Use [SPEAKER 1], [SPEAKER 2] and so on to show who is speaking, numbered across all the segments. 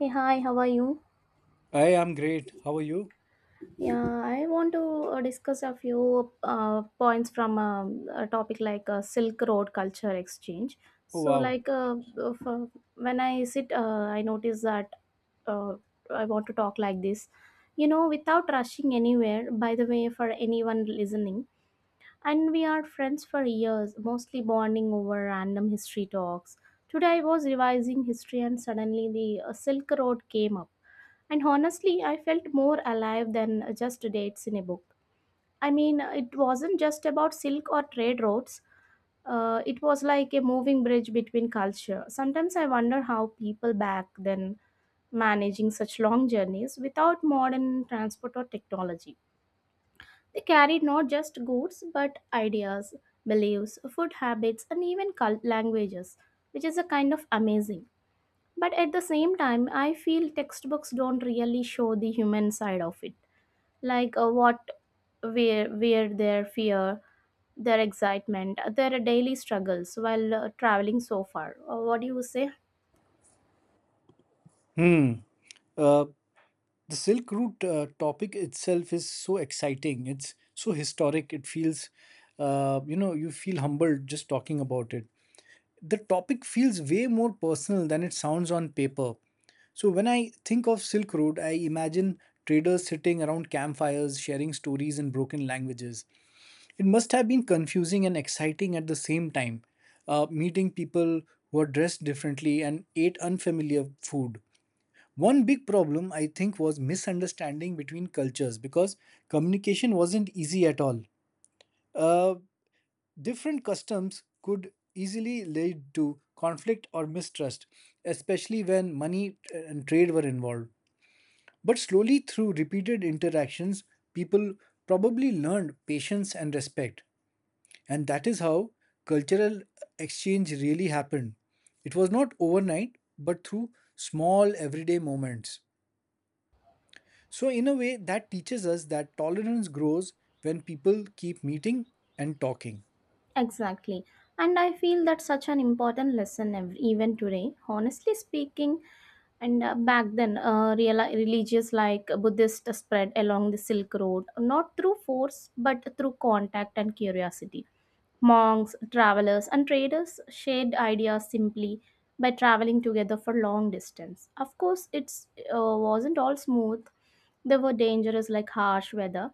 [SPEAKER 1] Hey, hi, how are you?
[SPEAKER 2] I am great. How are you?
[SPEAKER 1] Yeah, I want to discuss a few points from a topic like Silk Road culture exchange.
[SPEAKER 2] Oh,
[SPEAKER 1] So,
[SPEAKER 2] wow.
[SPEAKER 1] like, f When I sit, I notice that uh, I want to talk like this, you know, without rushing anywhere, by the way, for anyone listening. And we are friends for years, mostly bonding over random history talks. Today, I was revising history, and suddenly the Silk Road came up. And honestly, I felt more alive than just dates in a book. I mean, it wasn't just about silk or trade routes. It was like a moving bridge between culture. Sometimes I wonder how people back then managing such long journeys without modern transport or technology. They carried not just goods but ideas, beliefs, food habits, and even cult languages, which is a kind of amazing. But at the same time, I feel textbooks don't really show the human side of it, like what, where their fear, their excitement, their daily struggles while traveling so far. What do you say?
[SPEAKER 2] Hmm. Uh, the Silk Route topic itself is so exciting. It's so historic. It feels, you know, you feel humbled just talking about it. The topic feels way more personal than it sounds on paper. So when I think of Silk Road, I imagine traders sitting around campfires sharing stories in broken languages. It must have been confusing and exciting at the same time, meeting people who are dressed differently and ate unfamiliar food. One big problem, I think, was misunderstanding between cultures because communication wasn't easy at all. Uh, Different customs could easily lead to conflict or mistrust, especially when money and trade were involved. But slowly, through repeated interactions, people probably learned patience and respect. And that is how cultural exchange really happened. It was not overnight, but through small everyday moments. So, in a way, that teaches us that tolerance grows when people keep meeting and talking.
[SPEAKER 1] Exactly. And I feel that's such an important lesson even today. Honestly speaking, and back then, religious like Buddhist spread along the Silk Road, not through force, but through contact and curiosity. Monks, travelers, and traders shared ideas simply by traveling together for long distance. Of course, it's wasn't all smooth, they were dangerous like harsh weather,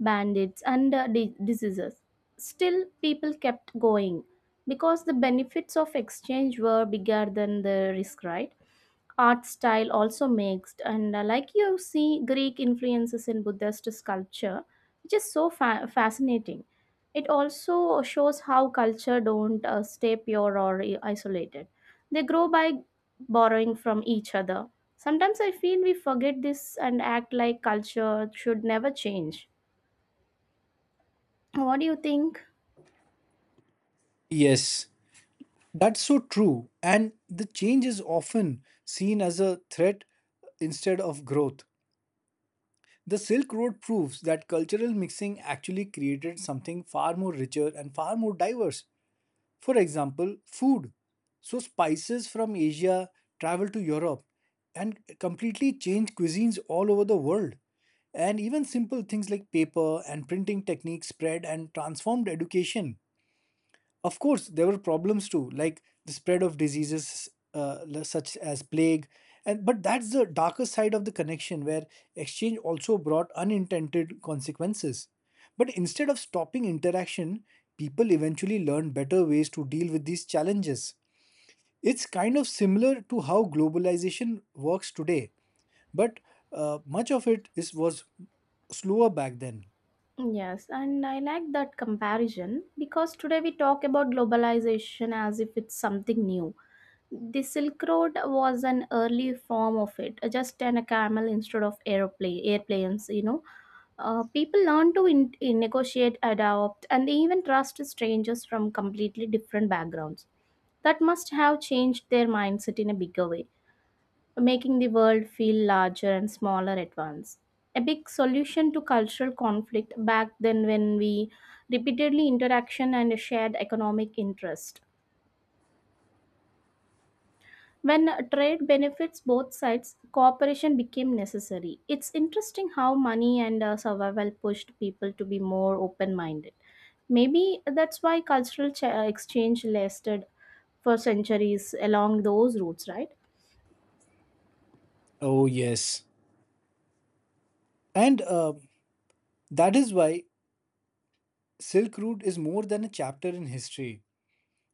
[SPEAKER 1] bandits, and diseases. Still, people kept going because the benefits of exchange were bigger than the risk, right? Art style also mixed, and like you see Greek influences in Buddhist sculpture, which is so fascinating. It also shows how culture don't stay pure or isolated. They grow by borrowing from each other. Sometimes I feel we forget this and act like culture should never change. What do you think?
[SPEAKER 2] Yes, that's so true. And the change is often seen as a threat instead of growth. The Silk Road proves that cultural mixing actually created something far more richer and far more diverse. For example, food. So, spices from Asia travel to Europe and completely change cuisines all over the world. And even simple things like paper and printing techniques spread and transformed education. Of course, there were problems too, like the spread of diseases such as plague, and but that's the darker side of the connection where exchange also brought unintended consequences. But instead of stopping interaction, people eventually learned better ways to deal with these challenges. It's kind of similar to how globalization works today, but much of it is was slower back then.
[SPEAKER 1] Yes, and I like that comparison because today we talk about globalization as if it's something new. The Silk Road was an early form of it, just an a camel instead of aeroplane airplanes, you know. People learn to in negotiate, adopt, and even trust strangers from completely different backgrounds. That must have changed their mindset in a bigger way, making the world feel larger and smaller at once. A big solution to cultural conflict back then when we repeatedly interaction and a shared economic interest. When trade benefits both sides, cooperation became necessary. It's interesting how money and survival pushed people to be more open minded. Maybe that's why cultural exchange lasted for centuries along those routes, right?
[SPEAKER 2] Oh, yes. And that is why Silk Route is more than a chapter in history.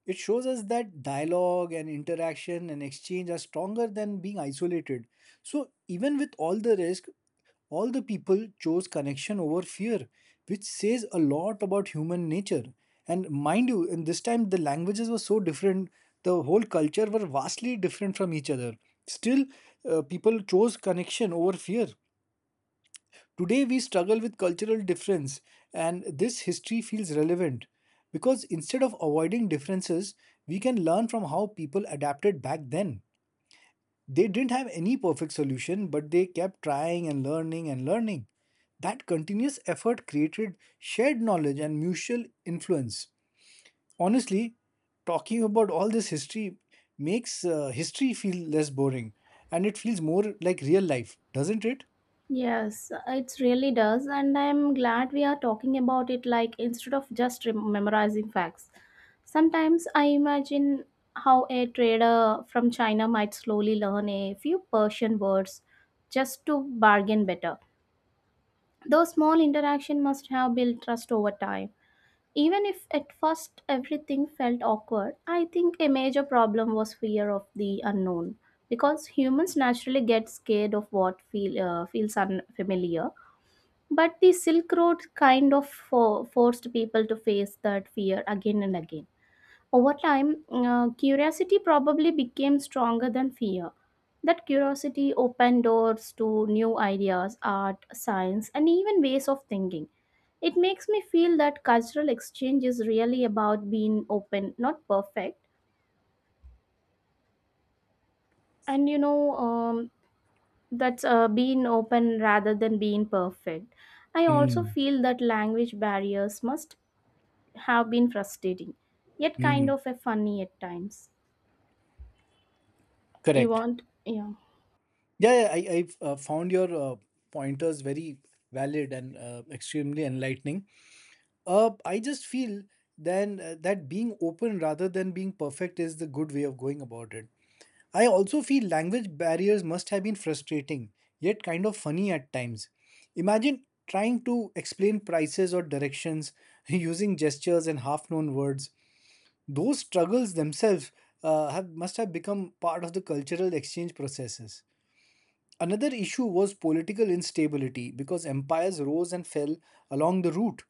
[SPEAKER 2] It shows us that dialogue and interaction and exchange are stronger than being isolated. So, even with all the risk, all the people chose connection over fear, which says a lot about human nature. And mind you, in this time, the languages were so different, the whole culture were vastly different from each other. Still, people chose connection over fear. Today, we struggle with cultural difference, and this history feels relevant because instead of avoiding differences, we can learn from how people adapted back then. They didn't have any perfect solution, but they kept trying and learning and learning. That continuous effort created shared knowledge and mutual influence. Honestly, talking about all this history makes history feel less boring and it feels more like real life, doesn't it?
[SPEAKER 1] Yes, it really does, and I'm glad we are talking about it like instead of just memorizing facts. Sometimes I imagine how a trader from China might slowly learn a few Persian words just to bargain better. Those small interaction must have built trust over time. Even if at first everything felt awkward, I think a major problem was fear of the unknown, because humans naturally get scared of what feels unfamiliar, but the Silk Road kind of forced people to face that fear again and again. Over time, curiosity probably became stronger than fear. That curiosity opened doors to new ideas, art, science, and even ways of thinking. It makes me feel that cultural exchange is really about being open, not perfect. And you know, that's being open rather than being perfect. I also
[SPEAKER 2] Mm,
[SPEAKER 1] feel that language barriers must have been frustrating, yet kind
[SPEAKER 2] mm.
[SPEAKER 1] of a funny at times. You
[SPEAKER 2] Correct.
[SPEAKER 1] want, yeah,
[SPEAKER 2] Yeah, yeah, I've found your pointers very valid and extremely enlightening. I just feel then that being open rather than being perfect is the good way of going about it. I also feel language barriers must have been frustrating, yet kind of funny at times. Imagine trying to explain prices or directions using gestures and half-known words. Those struggles themselves have must have become part of the cultural exchange processes. Another issue was political instability because empires rose and fell along the route.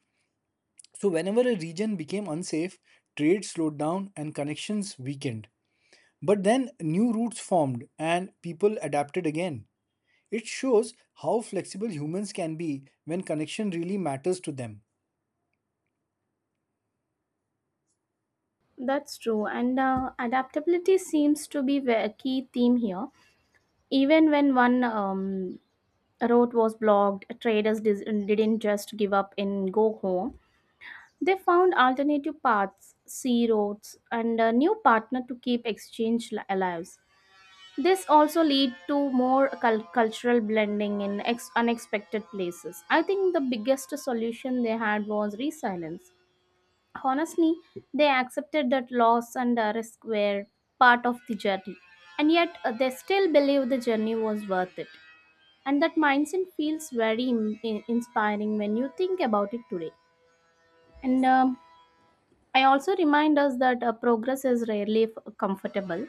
[SPEAKER 2] So, whenever a region became unsafe, trade slowed down and connections weakened. But then new routes formed and people adapted again. It shows how flexible humans can be when connection really matters to them.
[SPEAKER 1] that's true. And adaptability seems to be a key theme here. Even when one road was blocked, traders didn't just give up and go home. They found alternative paths, sea routes, and a new partner to keep exchange alive. This also lead to more cultural blending in unexpected places. I think the biggest solution they had was resilience. Honestly, they accepted that loss and risk were part of the journey, and yet they still believe the journey was worth it. And that mindset feels very inspiring when you think about it today. And I also remind us that progress is rarely comfortable.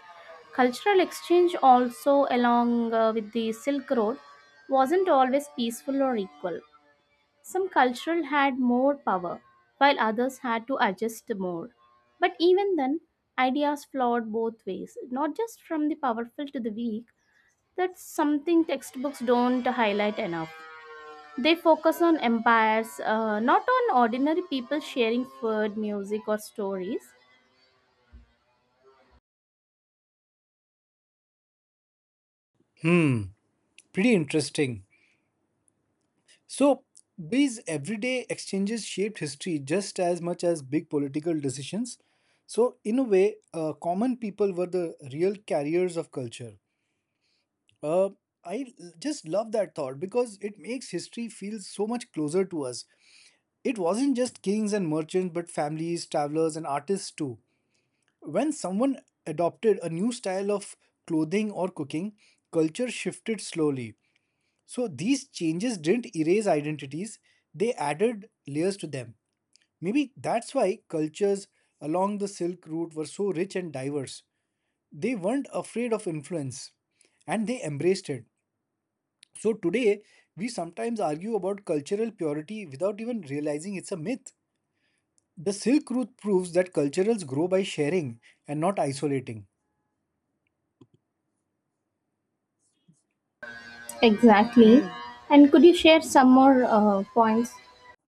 [SPEAKER 1] Cultural exchange, also along with the Silk Road, wasn't always peaceful or equal. Some cultural had more power, while others had to adjust more. But even then, ideas flowed both ways, not just from the powerful to the weak. That's something textbooks don't highlight enough. They focus on empires, not on ordinary people sharing food, music, or stories.
[SPEAKER 2] Hmm, pretty interesting. So, these everyday exchanges shaped history just as much as big political decisions. So, in a way, common people were the real carriers of culture. Uh, I just love that thought because it makes history feel so much closer to us. It wasn't just kings and merchants, but families, travelers, and artists too. When someone adopted a new style of clothing or cooking, culture shifted slowly, so these changes didn't erase identities, they added layers to them. Maybe that's why cultures along the Silk Route were so rich and diverse. They weren't afraid of influence and they embraced it. So today, we sometimes argue about cultural purity without even realizing it's a myth. The Silk Route proves that cultures grow by sharing and not isolating.
[SPEAKER 1] Exactly.
[SPEAKER 2] Mm.
[SPEAKER 1] And could you share some more points?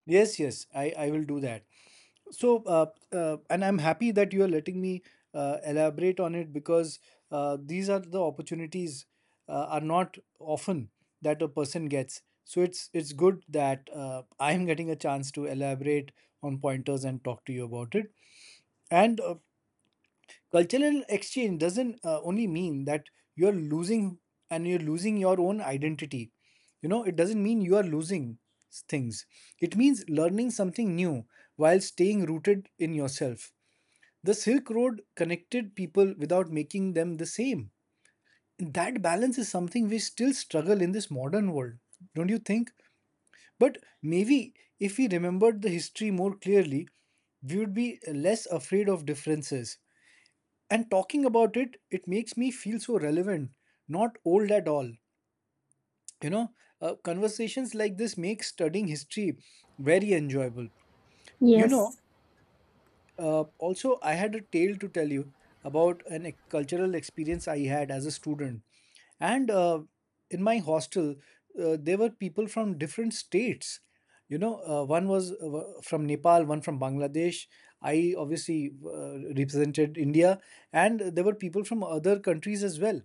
[SPEAKER 2] Yes, yes, I will do that. So, and I'm happy that you are letting me elaborate on it because these are the opportunities are not often that a person gets. So it's good that I am getting a chance to elaborate on pointers and talk to you about it. And cultural exchange doesn't only mean that you're losing you're losing your own identity. You know, it doesn't mean you are losing things. It means learning something new while staying rooted in yourself. The Silk Road connected people without making them the same. That balance is something we still struggle in this modern world, don't you think? But maybe if we remembered the history more clearly, we would be less afraid of differences. And talking about it, it makes me feel so relevant, not old at all, you know. Conversations like this make studying history very enjoyable, you know.
[SPEAKER 1] Yes.
[SPEAKER 2] Also, I had a tale to tell you about an cultural experience I had as a student. And in my hostel, there were people from different states. You know, one was from Nepal, one from Bangladesh. I obviously represented India, and there were people from other countries as well.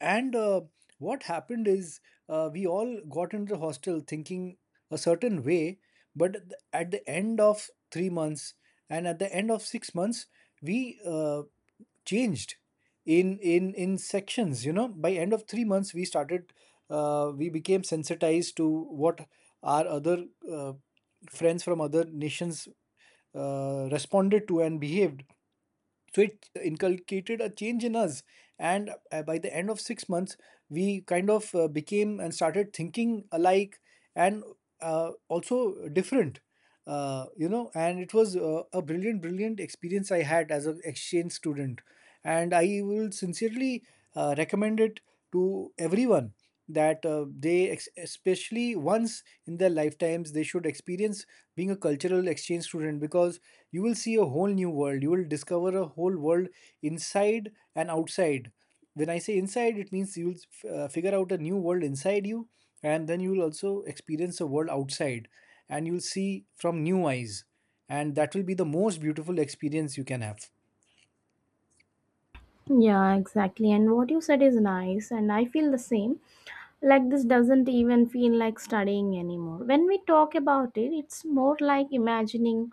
[SPEAKER 2] And what happened is we all got into the hostel thinking a certain way, but at the end of 3 months and at the end of 6 months, we changed in sections. You know, by end of 3 months, we started. We became sensitized to what our other uh, friends from other nations responded to and behaved, so it inculcated a change in us. And by the end of 6 months we kind of became and started thinking alike, and also different, you know. And it was a brilliant brilliant experience I had as an exchange student, and I will sincerely recommend it to everyone that they especially once in their lifetimes they should experience being a cultural exchange student, because you will see a whole new world. You will discover a whole world inside and outside. When I say inside, it means you will figure out a new world inside you, and then you will also experience a world outside, and you'll see from new eyes. And that will be the most beautiful experience you can have.
[SPEAKER 1] Yeah, exactly. And what you said is nice, and I feel the same. Like, this doesn't even feel like studying anymore. When we talk about it, it's more like imagining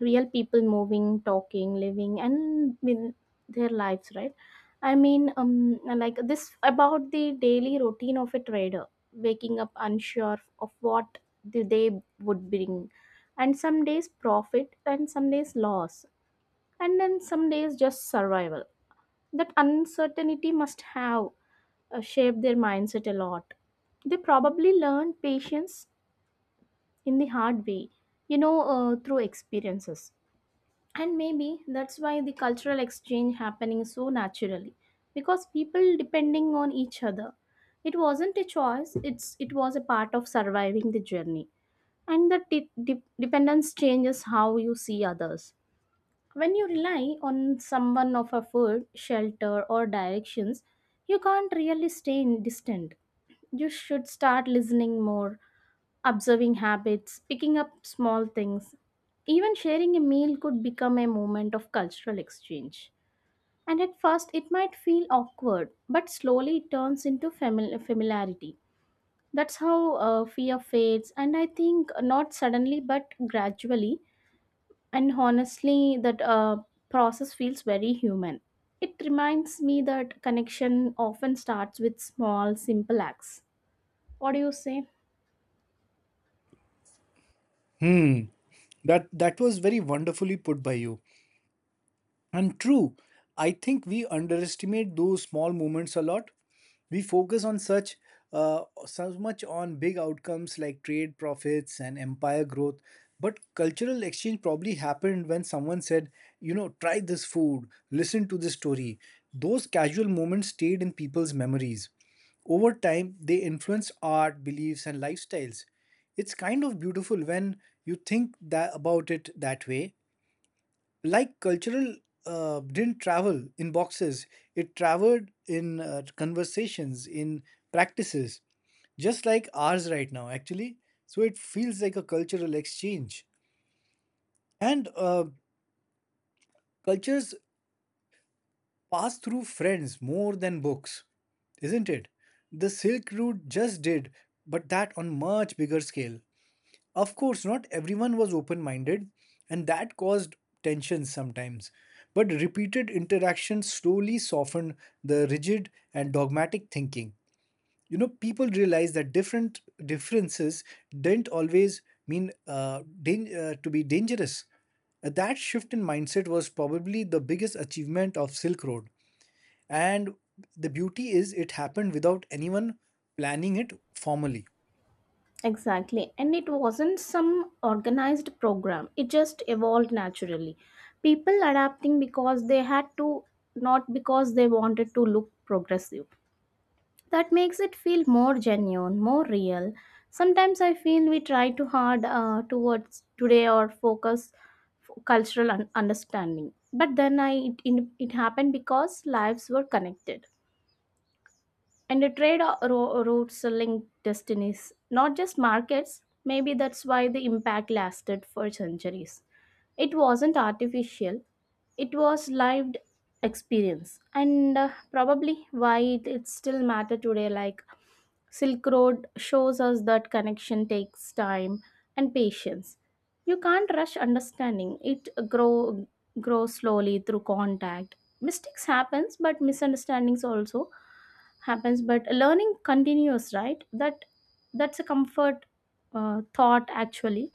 [SPEAKER 1] real people moving, talking, living, and with their lives, right? I mean, like this about the daily routine of a trader, waking up unsure of what the day would bring, and some days profit, and some days loss, and then some days just survival. That uncertainty must have shaped their mindset a lot. They probably learned patience in the hard way, you know, through experiences. And maybe that's why the cultural exchange happening so naturally, because people depending on each other. It wasn't a choice; it's it was a part of surviving the journey. And the dependence changes how you see others. When you rely on someone for food, shelter, or directions, you can't really stay distant. You should start listening more, observing habits, picking up small things. Even sharing a meal could become a moment of cultural exchange. And at first, it might feel awkward, but slowly it turns into familiarity. That's how fear fades, and I think not suddenly but gradually, and honestly, that process feels very human. It reminds me that connection often starts with small, simple acts. What do you say?
[SPEAKER 2] Hmm, that was very wonderfully put by you. And true, I think we underestimate those small moments a lot. We focus on such so much on big outcomes like trade profits and empire growth, but cultural exchange probably happened when someone said, you know, try this food, listen to this story. Those casual moments stayed in people's memories. Over time, they influence art, beliefs, and lifestyles. It's kind of beautiful when you think that about it that way, like cultural didn't travel in boxes. It traveled in conversations, in practices, just like ours right now, actually. So it feels like a cultural exchange. And cultures pass through friends more than books, isn't it? The Silk Route just did, but that on much bigger scale. Of course, not everyone was open minded, and that caused tensions sometimes. But repeated interaction slowly softened the rigid and dogmatic thinking. You know, people realized that different differences didn't always mean to be dangerous. That shift in mindset was probably the biggest achievement of Silk Road. And the beauty is, it happened without anyone planning it formally.
[SPEAKER 1] Exactly. And it wasn't some organized program, it just evolved naturally. People adapting because they had to, not because they wanted to look progressive. That makes it feel more genuine, more real. Sometimes I feel we try too hard towards today or focus cultural understanding, but then it happened because lives were connected, and the trade routes linked destinies, not just markets. Maybe that's why the impact lasted for centuries. It wasn't artificial, it was lived experience, and probably why it still matter today, like Silk Road shows us that connection takes time and patience. You can't rush understanding. It grows slowly through contact. Mistakes happens, but misunderstandings also happens. But learning continues, right? That's a comfort thought actually.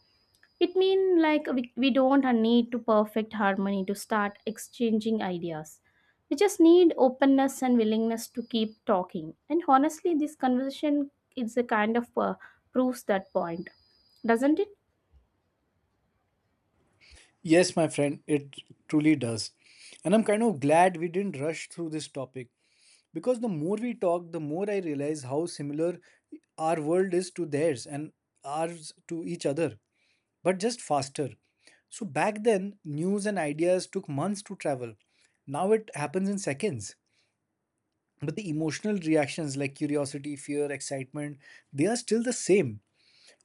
[SPEAKER 1] It means like we don't need to perfect harmony to start exchanging ideas. We just need openness and willingness to keep talking. And honestly, this conversation is a kind of proves that point, doesn't it?
[SPEAKER 2] Yes, my friend, it truly does. And I'm kind of glad we didn't rush through this topic because the more we talk, the more I realize how similar our world is to theirs and ours to each other, but just faster. So back then, news and ideas took months to travel. Now it happens in seconds. But the emotional reactions like curiosity, fear, excitement, they are still the same.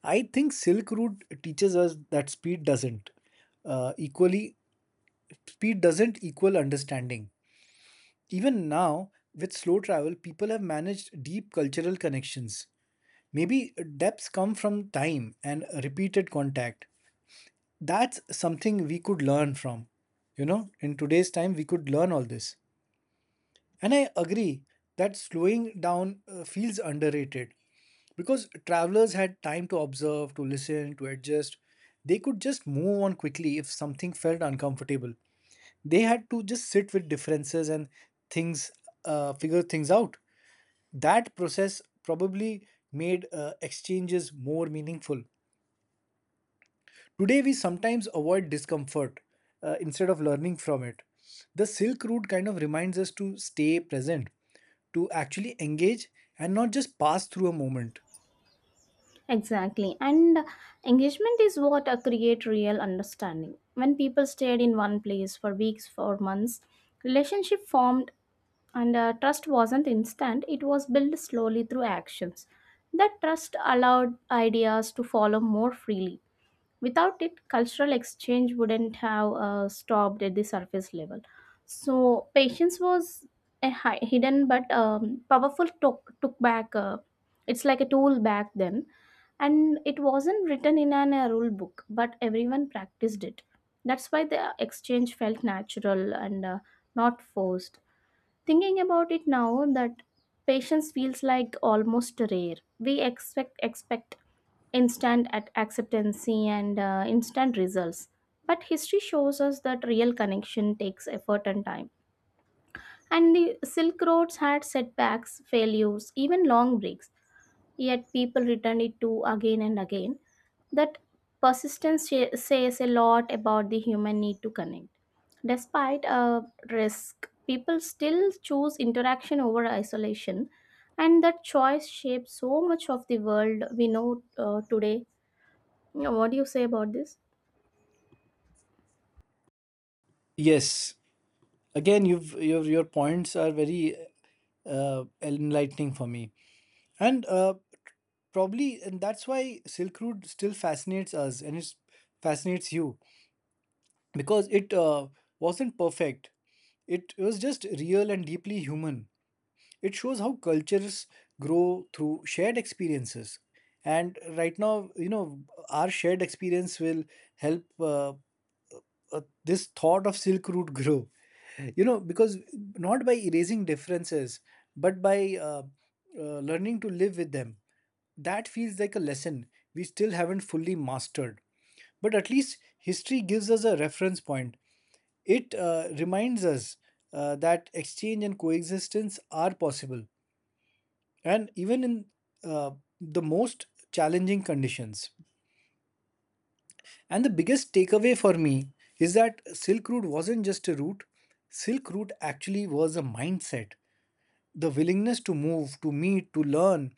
[SPEAKER 2] I think Silk Route teaches us that speed doesn't. Equally, speed doesn't equal understanding. Even now, with slow travel, people have managed deep cultural connections. Maybe depths come from time and repeated contact. That's something we could learn from. You know, in today's time, we could learn all this. And I agree that slowing down feels underrated because travelers had time to observe, to listen, to adjust. They could just move on quickly if something felt uncomfortable. They had to just sit with differences and things, figure things out. That process probably made exchanges more meaningful. Today we sometimes avoid discomfort instead of learning from it. The Silk Route kind of reminds us to stay present, to actually engage and not just pass through a moment.
[SPEAKER 1] Exactly. And engagement is what create real understanding. When people stayed in one place for weeks, for months, relationship formed, and trust wasn't instant. It was built slowly through actions. That trust allowed ideas to follow more freely. Without it, cultural exchange wouldn't have stopped at the surface level. So patience was a hidden but powerful took back. It's like a tool back then, and it wasn't written in a rule book, but everyone practiced it. That's why the exchange felt natural and not forced. Thinking about it now, that patience feels like almost rare. We expect instant at acceptancy and instant results, but history shows us that real connection takes effort and time, and the silk roads had setbacks, failures, even long breaks, yet people returned it to again and again. That persistence says a lot about the human need to connect. Despite a risk, people still choose interaction over isolation, and that choice shapes so much of the world we know today. You know, what do you say about this?
[SPEAKER 2] Yes, again, you've your points are very enlightening for me. And Probably, and that's why Silk Road still fascinates us and it fascinates you, because it wasn't perfect. It was just real and deeply human. It shows how cultures grow through shared experiences. And right now, you know, our shared experience will help. This thought of Silk Route grew, you know, because not by erasing differences but by learning to live with them. That feels like a lesson we still haven't fully mastered, but at least history gives us a reference point. It reminds us that exchange and coexistence are possible, and even in uh, the most challenging conditions. And the biggest takeaway for me is that Silk Route wasn't just a route, Silk Route actually was a mindset, the willingness to move, to meet, to learn,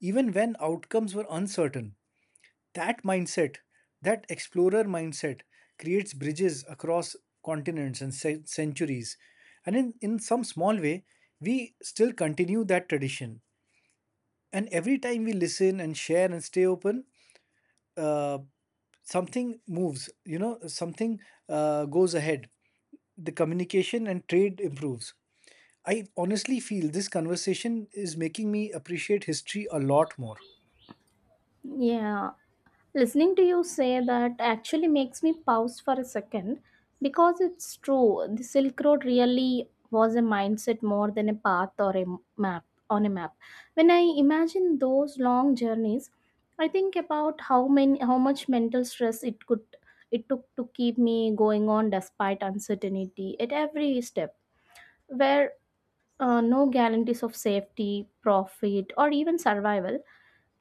[SPEAKER 2] even when outcomes were uncertain. That mindset, that explorer mindset, creates bridges across continents and centuries. And in some small way, we still continue that tradition. And every time we listen and share and stay open, uh, something moves, you know, something goes ahead. The communication and trade improves. I honestly feel this conversation is making me appreciate history a lot more.
[SPEAKER 1] Yeah, listening to you say that actually makes me pause for a second, because it's true. The Silk Road really was a mindset more than a path or a map on a map. When I imagine those long journeys, I think about how much mental stress it took to keep me going on despite uncertainty at every step, where no guarantees of safety, profit, or even survival.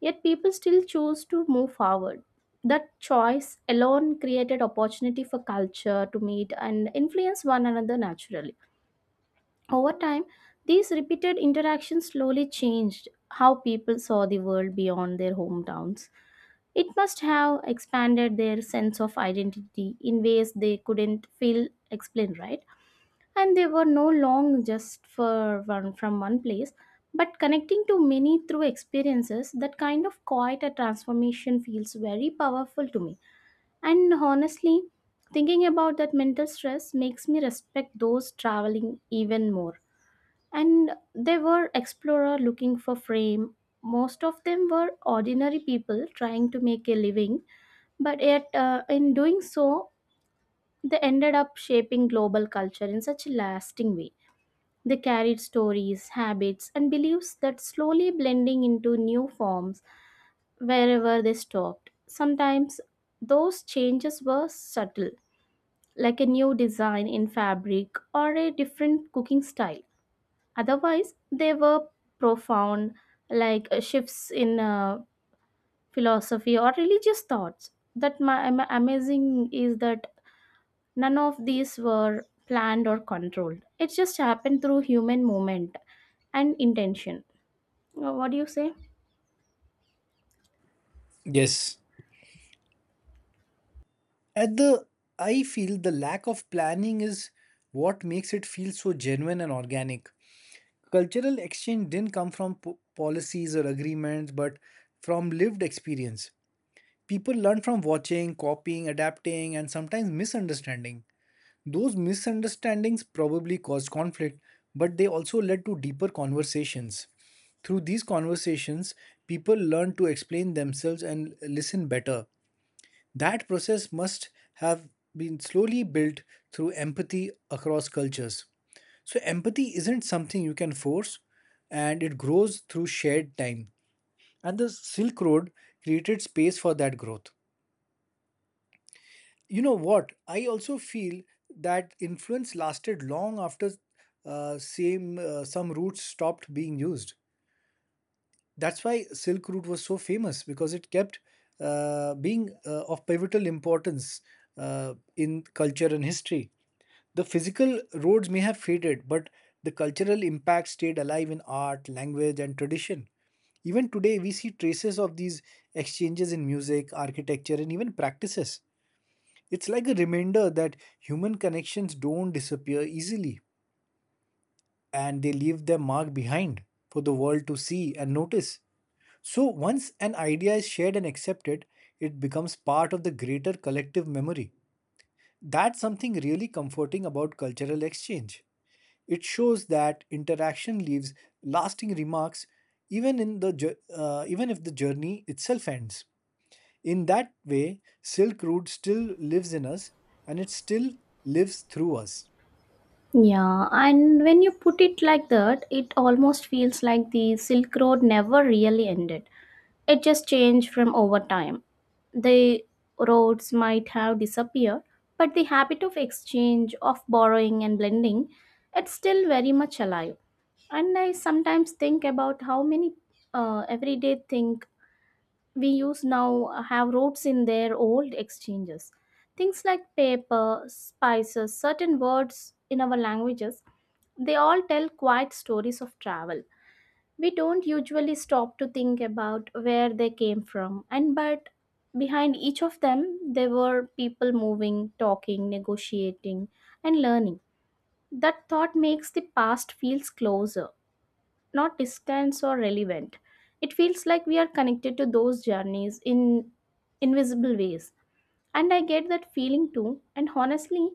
[SPEAKER 1] Yet people still chose to move forward. That choice alone created opportunity for culture to meet and influence one another naturally. Over time, these repeated interactions slowly changed how people saw the world beyond their hometowns. It must have expanded their sense of identity in ways they couldn't feel explained, right? And they were no long just for one from one place, but connecting to many through experiences. That kind of quiet a transformation feels very powerful to me. And honestly, thinking about that mental stress makes me respect those traveling even more. And they were explorer looking for fame. Most of them were ordinary people trying to make a living, but yet in doing so, they ended up shaping global culture in such a lasting way. They carried stories, habits, and beliefs that slowly blending into new forms wherever they stopped. Sometimes those changes were subtle, like a new design in fabric or a different cooking style. Otherwise, they were profound, like shifts in philosophy or religious thoughts. That amazing is that none of these were planned or controlled. It just happened through human movement and intention. What do you say?
[SPEAKER 2] Yes. at the I feel the lack of planning is what makes it feel so genuine and organic. Cultural exchange didn't come from policies or agreements, but from lived experience. People learn from watching, copying, adapting, and sometimes misunderstanding. Those misunderstandings probably caused conflict, but they also led to deeper conversations. Through these conversations, people learn to explain themselves and listen better. That process must have been slowly built through empathy across cultures. So, empathy isn't something you can force, and it grows through shared time. And the Silk Road created space for that growth. You know what I also feel, that influence lasted long after same some routes stopped being used. That's why Silk Route was so famous, because it kept being of pivotal importance in culture and history. The physical roads may have faded, but the cultural impact stayed alive in art, language, and tradition. Even today we see traces of these exchanges in music, architecture, and even practices. It's like a reminder that human connections don't disappear easily, and they leave their mark behind for the world to see and notice. So, once an idea is shared and accepted, it becomes part of the greater collective memory. That's something really comforting about cultural exchange. It shows that interaction leaves lasting remarks even in the even if the journey itself ends. In that way, Silk Road still lives in us, and it still lives through us.
[SPEAKER 1] Yeah, and when you put it like that, it almost feels like the Silk Road never really ended. It just changed from over time. The roads might have disappeared, but the habit of exchange, of borrowing and blending, it's still very much alive. And I sometimes think about how many everyday things we use now have roots in their old exchanges. Things like paper, spices, certain words in our languages, they all tell quiet stories of travel. We don't usually stop to think about where they came from, and but behind each of them, there were people moving, talking, negotiating, and learning. That thought makes the past feels closer, not distant or relevant. It feels like we are connected to those journeys in invisible ways. And I get that feeling too. And honestly,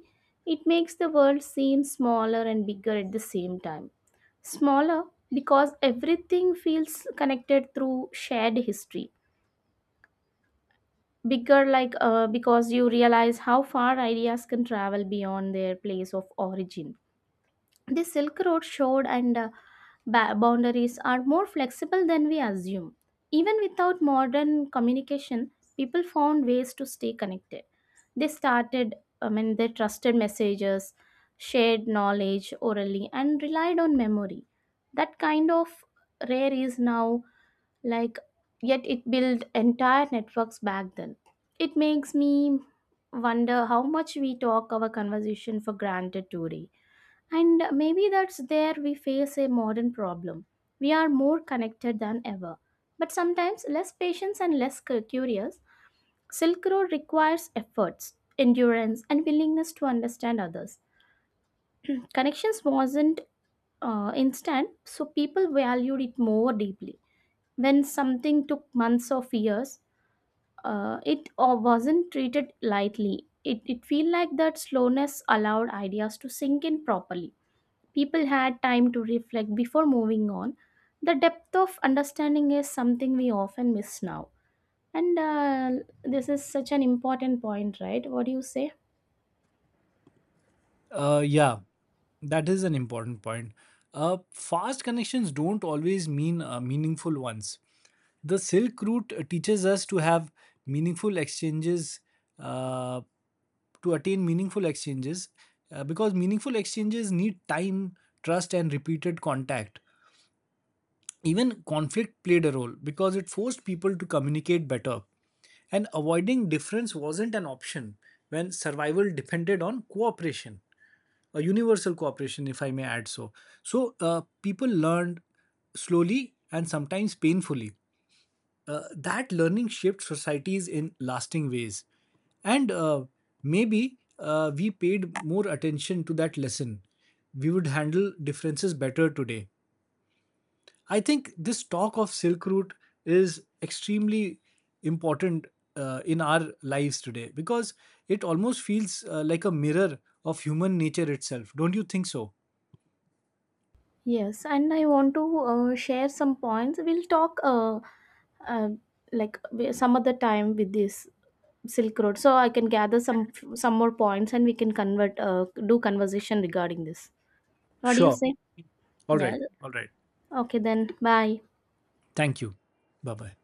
[SPEAKER 1] it makes the world seem smaller and bigger at the same time. Smaller because everything feels connected through shared history. Bigger, because you realize how far ideas can travel beyond their place of origin. The Silk Road showed and boundaries are more flexible than we assume. Even without modern communication, people found ways to stay connected. They started, I mean, they trusted messages, shared knowledge orally, and relied on memory. That kind of rare is now, like, yet it built entire networks back then. It makes me wonder how much we talk our conversation for granted today. And maybe that's there we face a modern problem. We are more connected than ever, but sometimes less patience and less curious. Silk Road requires efforts, endurance, and willingness to understand others. Connections wasn't instant, so people valued it more deeply. When something took months of years, it wasn't treated lightly. It felt like that slowness allowed ideas to sink in properly. People had time to reflect before moving on. The depth of understanding is something we often miss now. And This is such an important point, right? What do you say?
[SPEAKER 2] Yeah, that is an important point. Fast connections don't always mean meaningful ones. The Silk Route teaches us to have meaningful exchanges, uh, to attain meaningful exchanges, because meaningful exchanges need time, trust, and repeated contact. Even conflict played a role because it forced people to communicate better, and avoiding difference wasn't an option when survival depended on cooperation, a universal cooperation, if I may add so. So, people learned slowly and sometimes painfully. That learning shaped societies in lasting ways. And Maybe we paid more attention to that lesson, we would handle differences better today. I think this talk of Silk Route is extremely important in our lives today, because it almost feels like a mirror of human nature itself. Don't you think so?
[SPEAKER 1] Yes, and I want to share some points. We'll talk uh, some other time with this Silk Road, so I can gather some more points, and we can convert do conversation regarding this. What do you
[SPEAKER 2] Sure.
[SPEAKER 1] say?
[SPEAKER 2] All
[SPEAKER 1] Yeah.
[SPEAKER 2] right. All right.
[SPEAKER 1] Okay, then. Bye.
[SPEAKER 2] Thank you. Bye bye.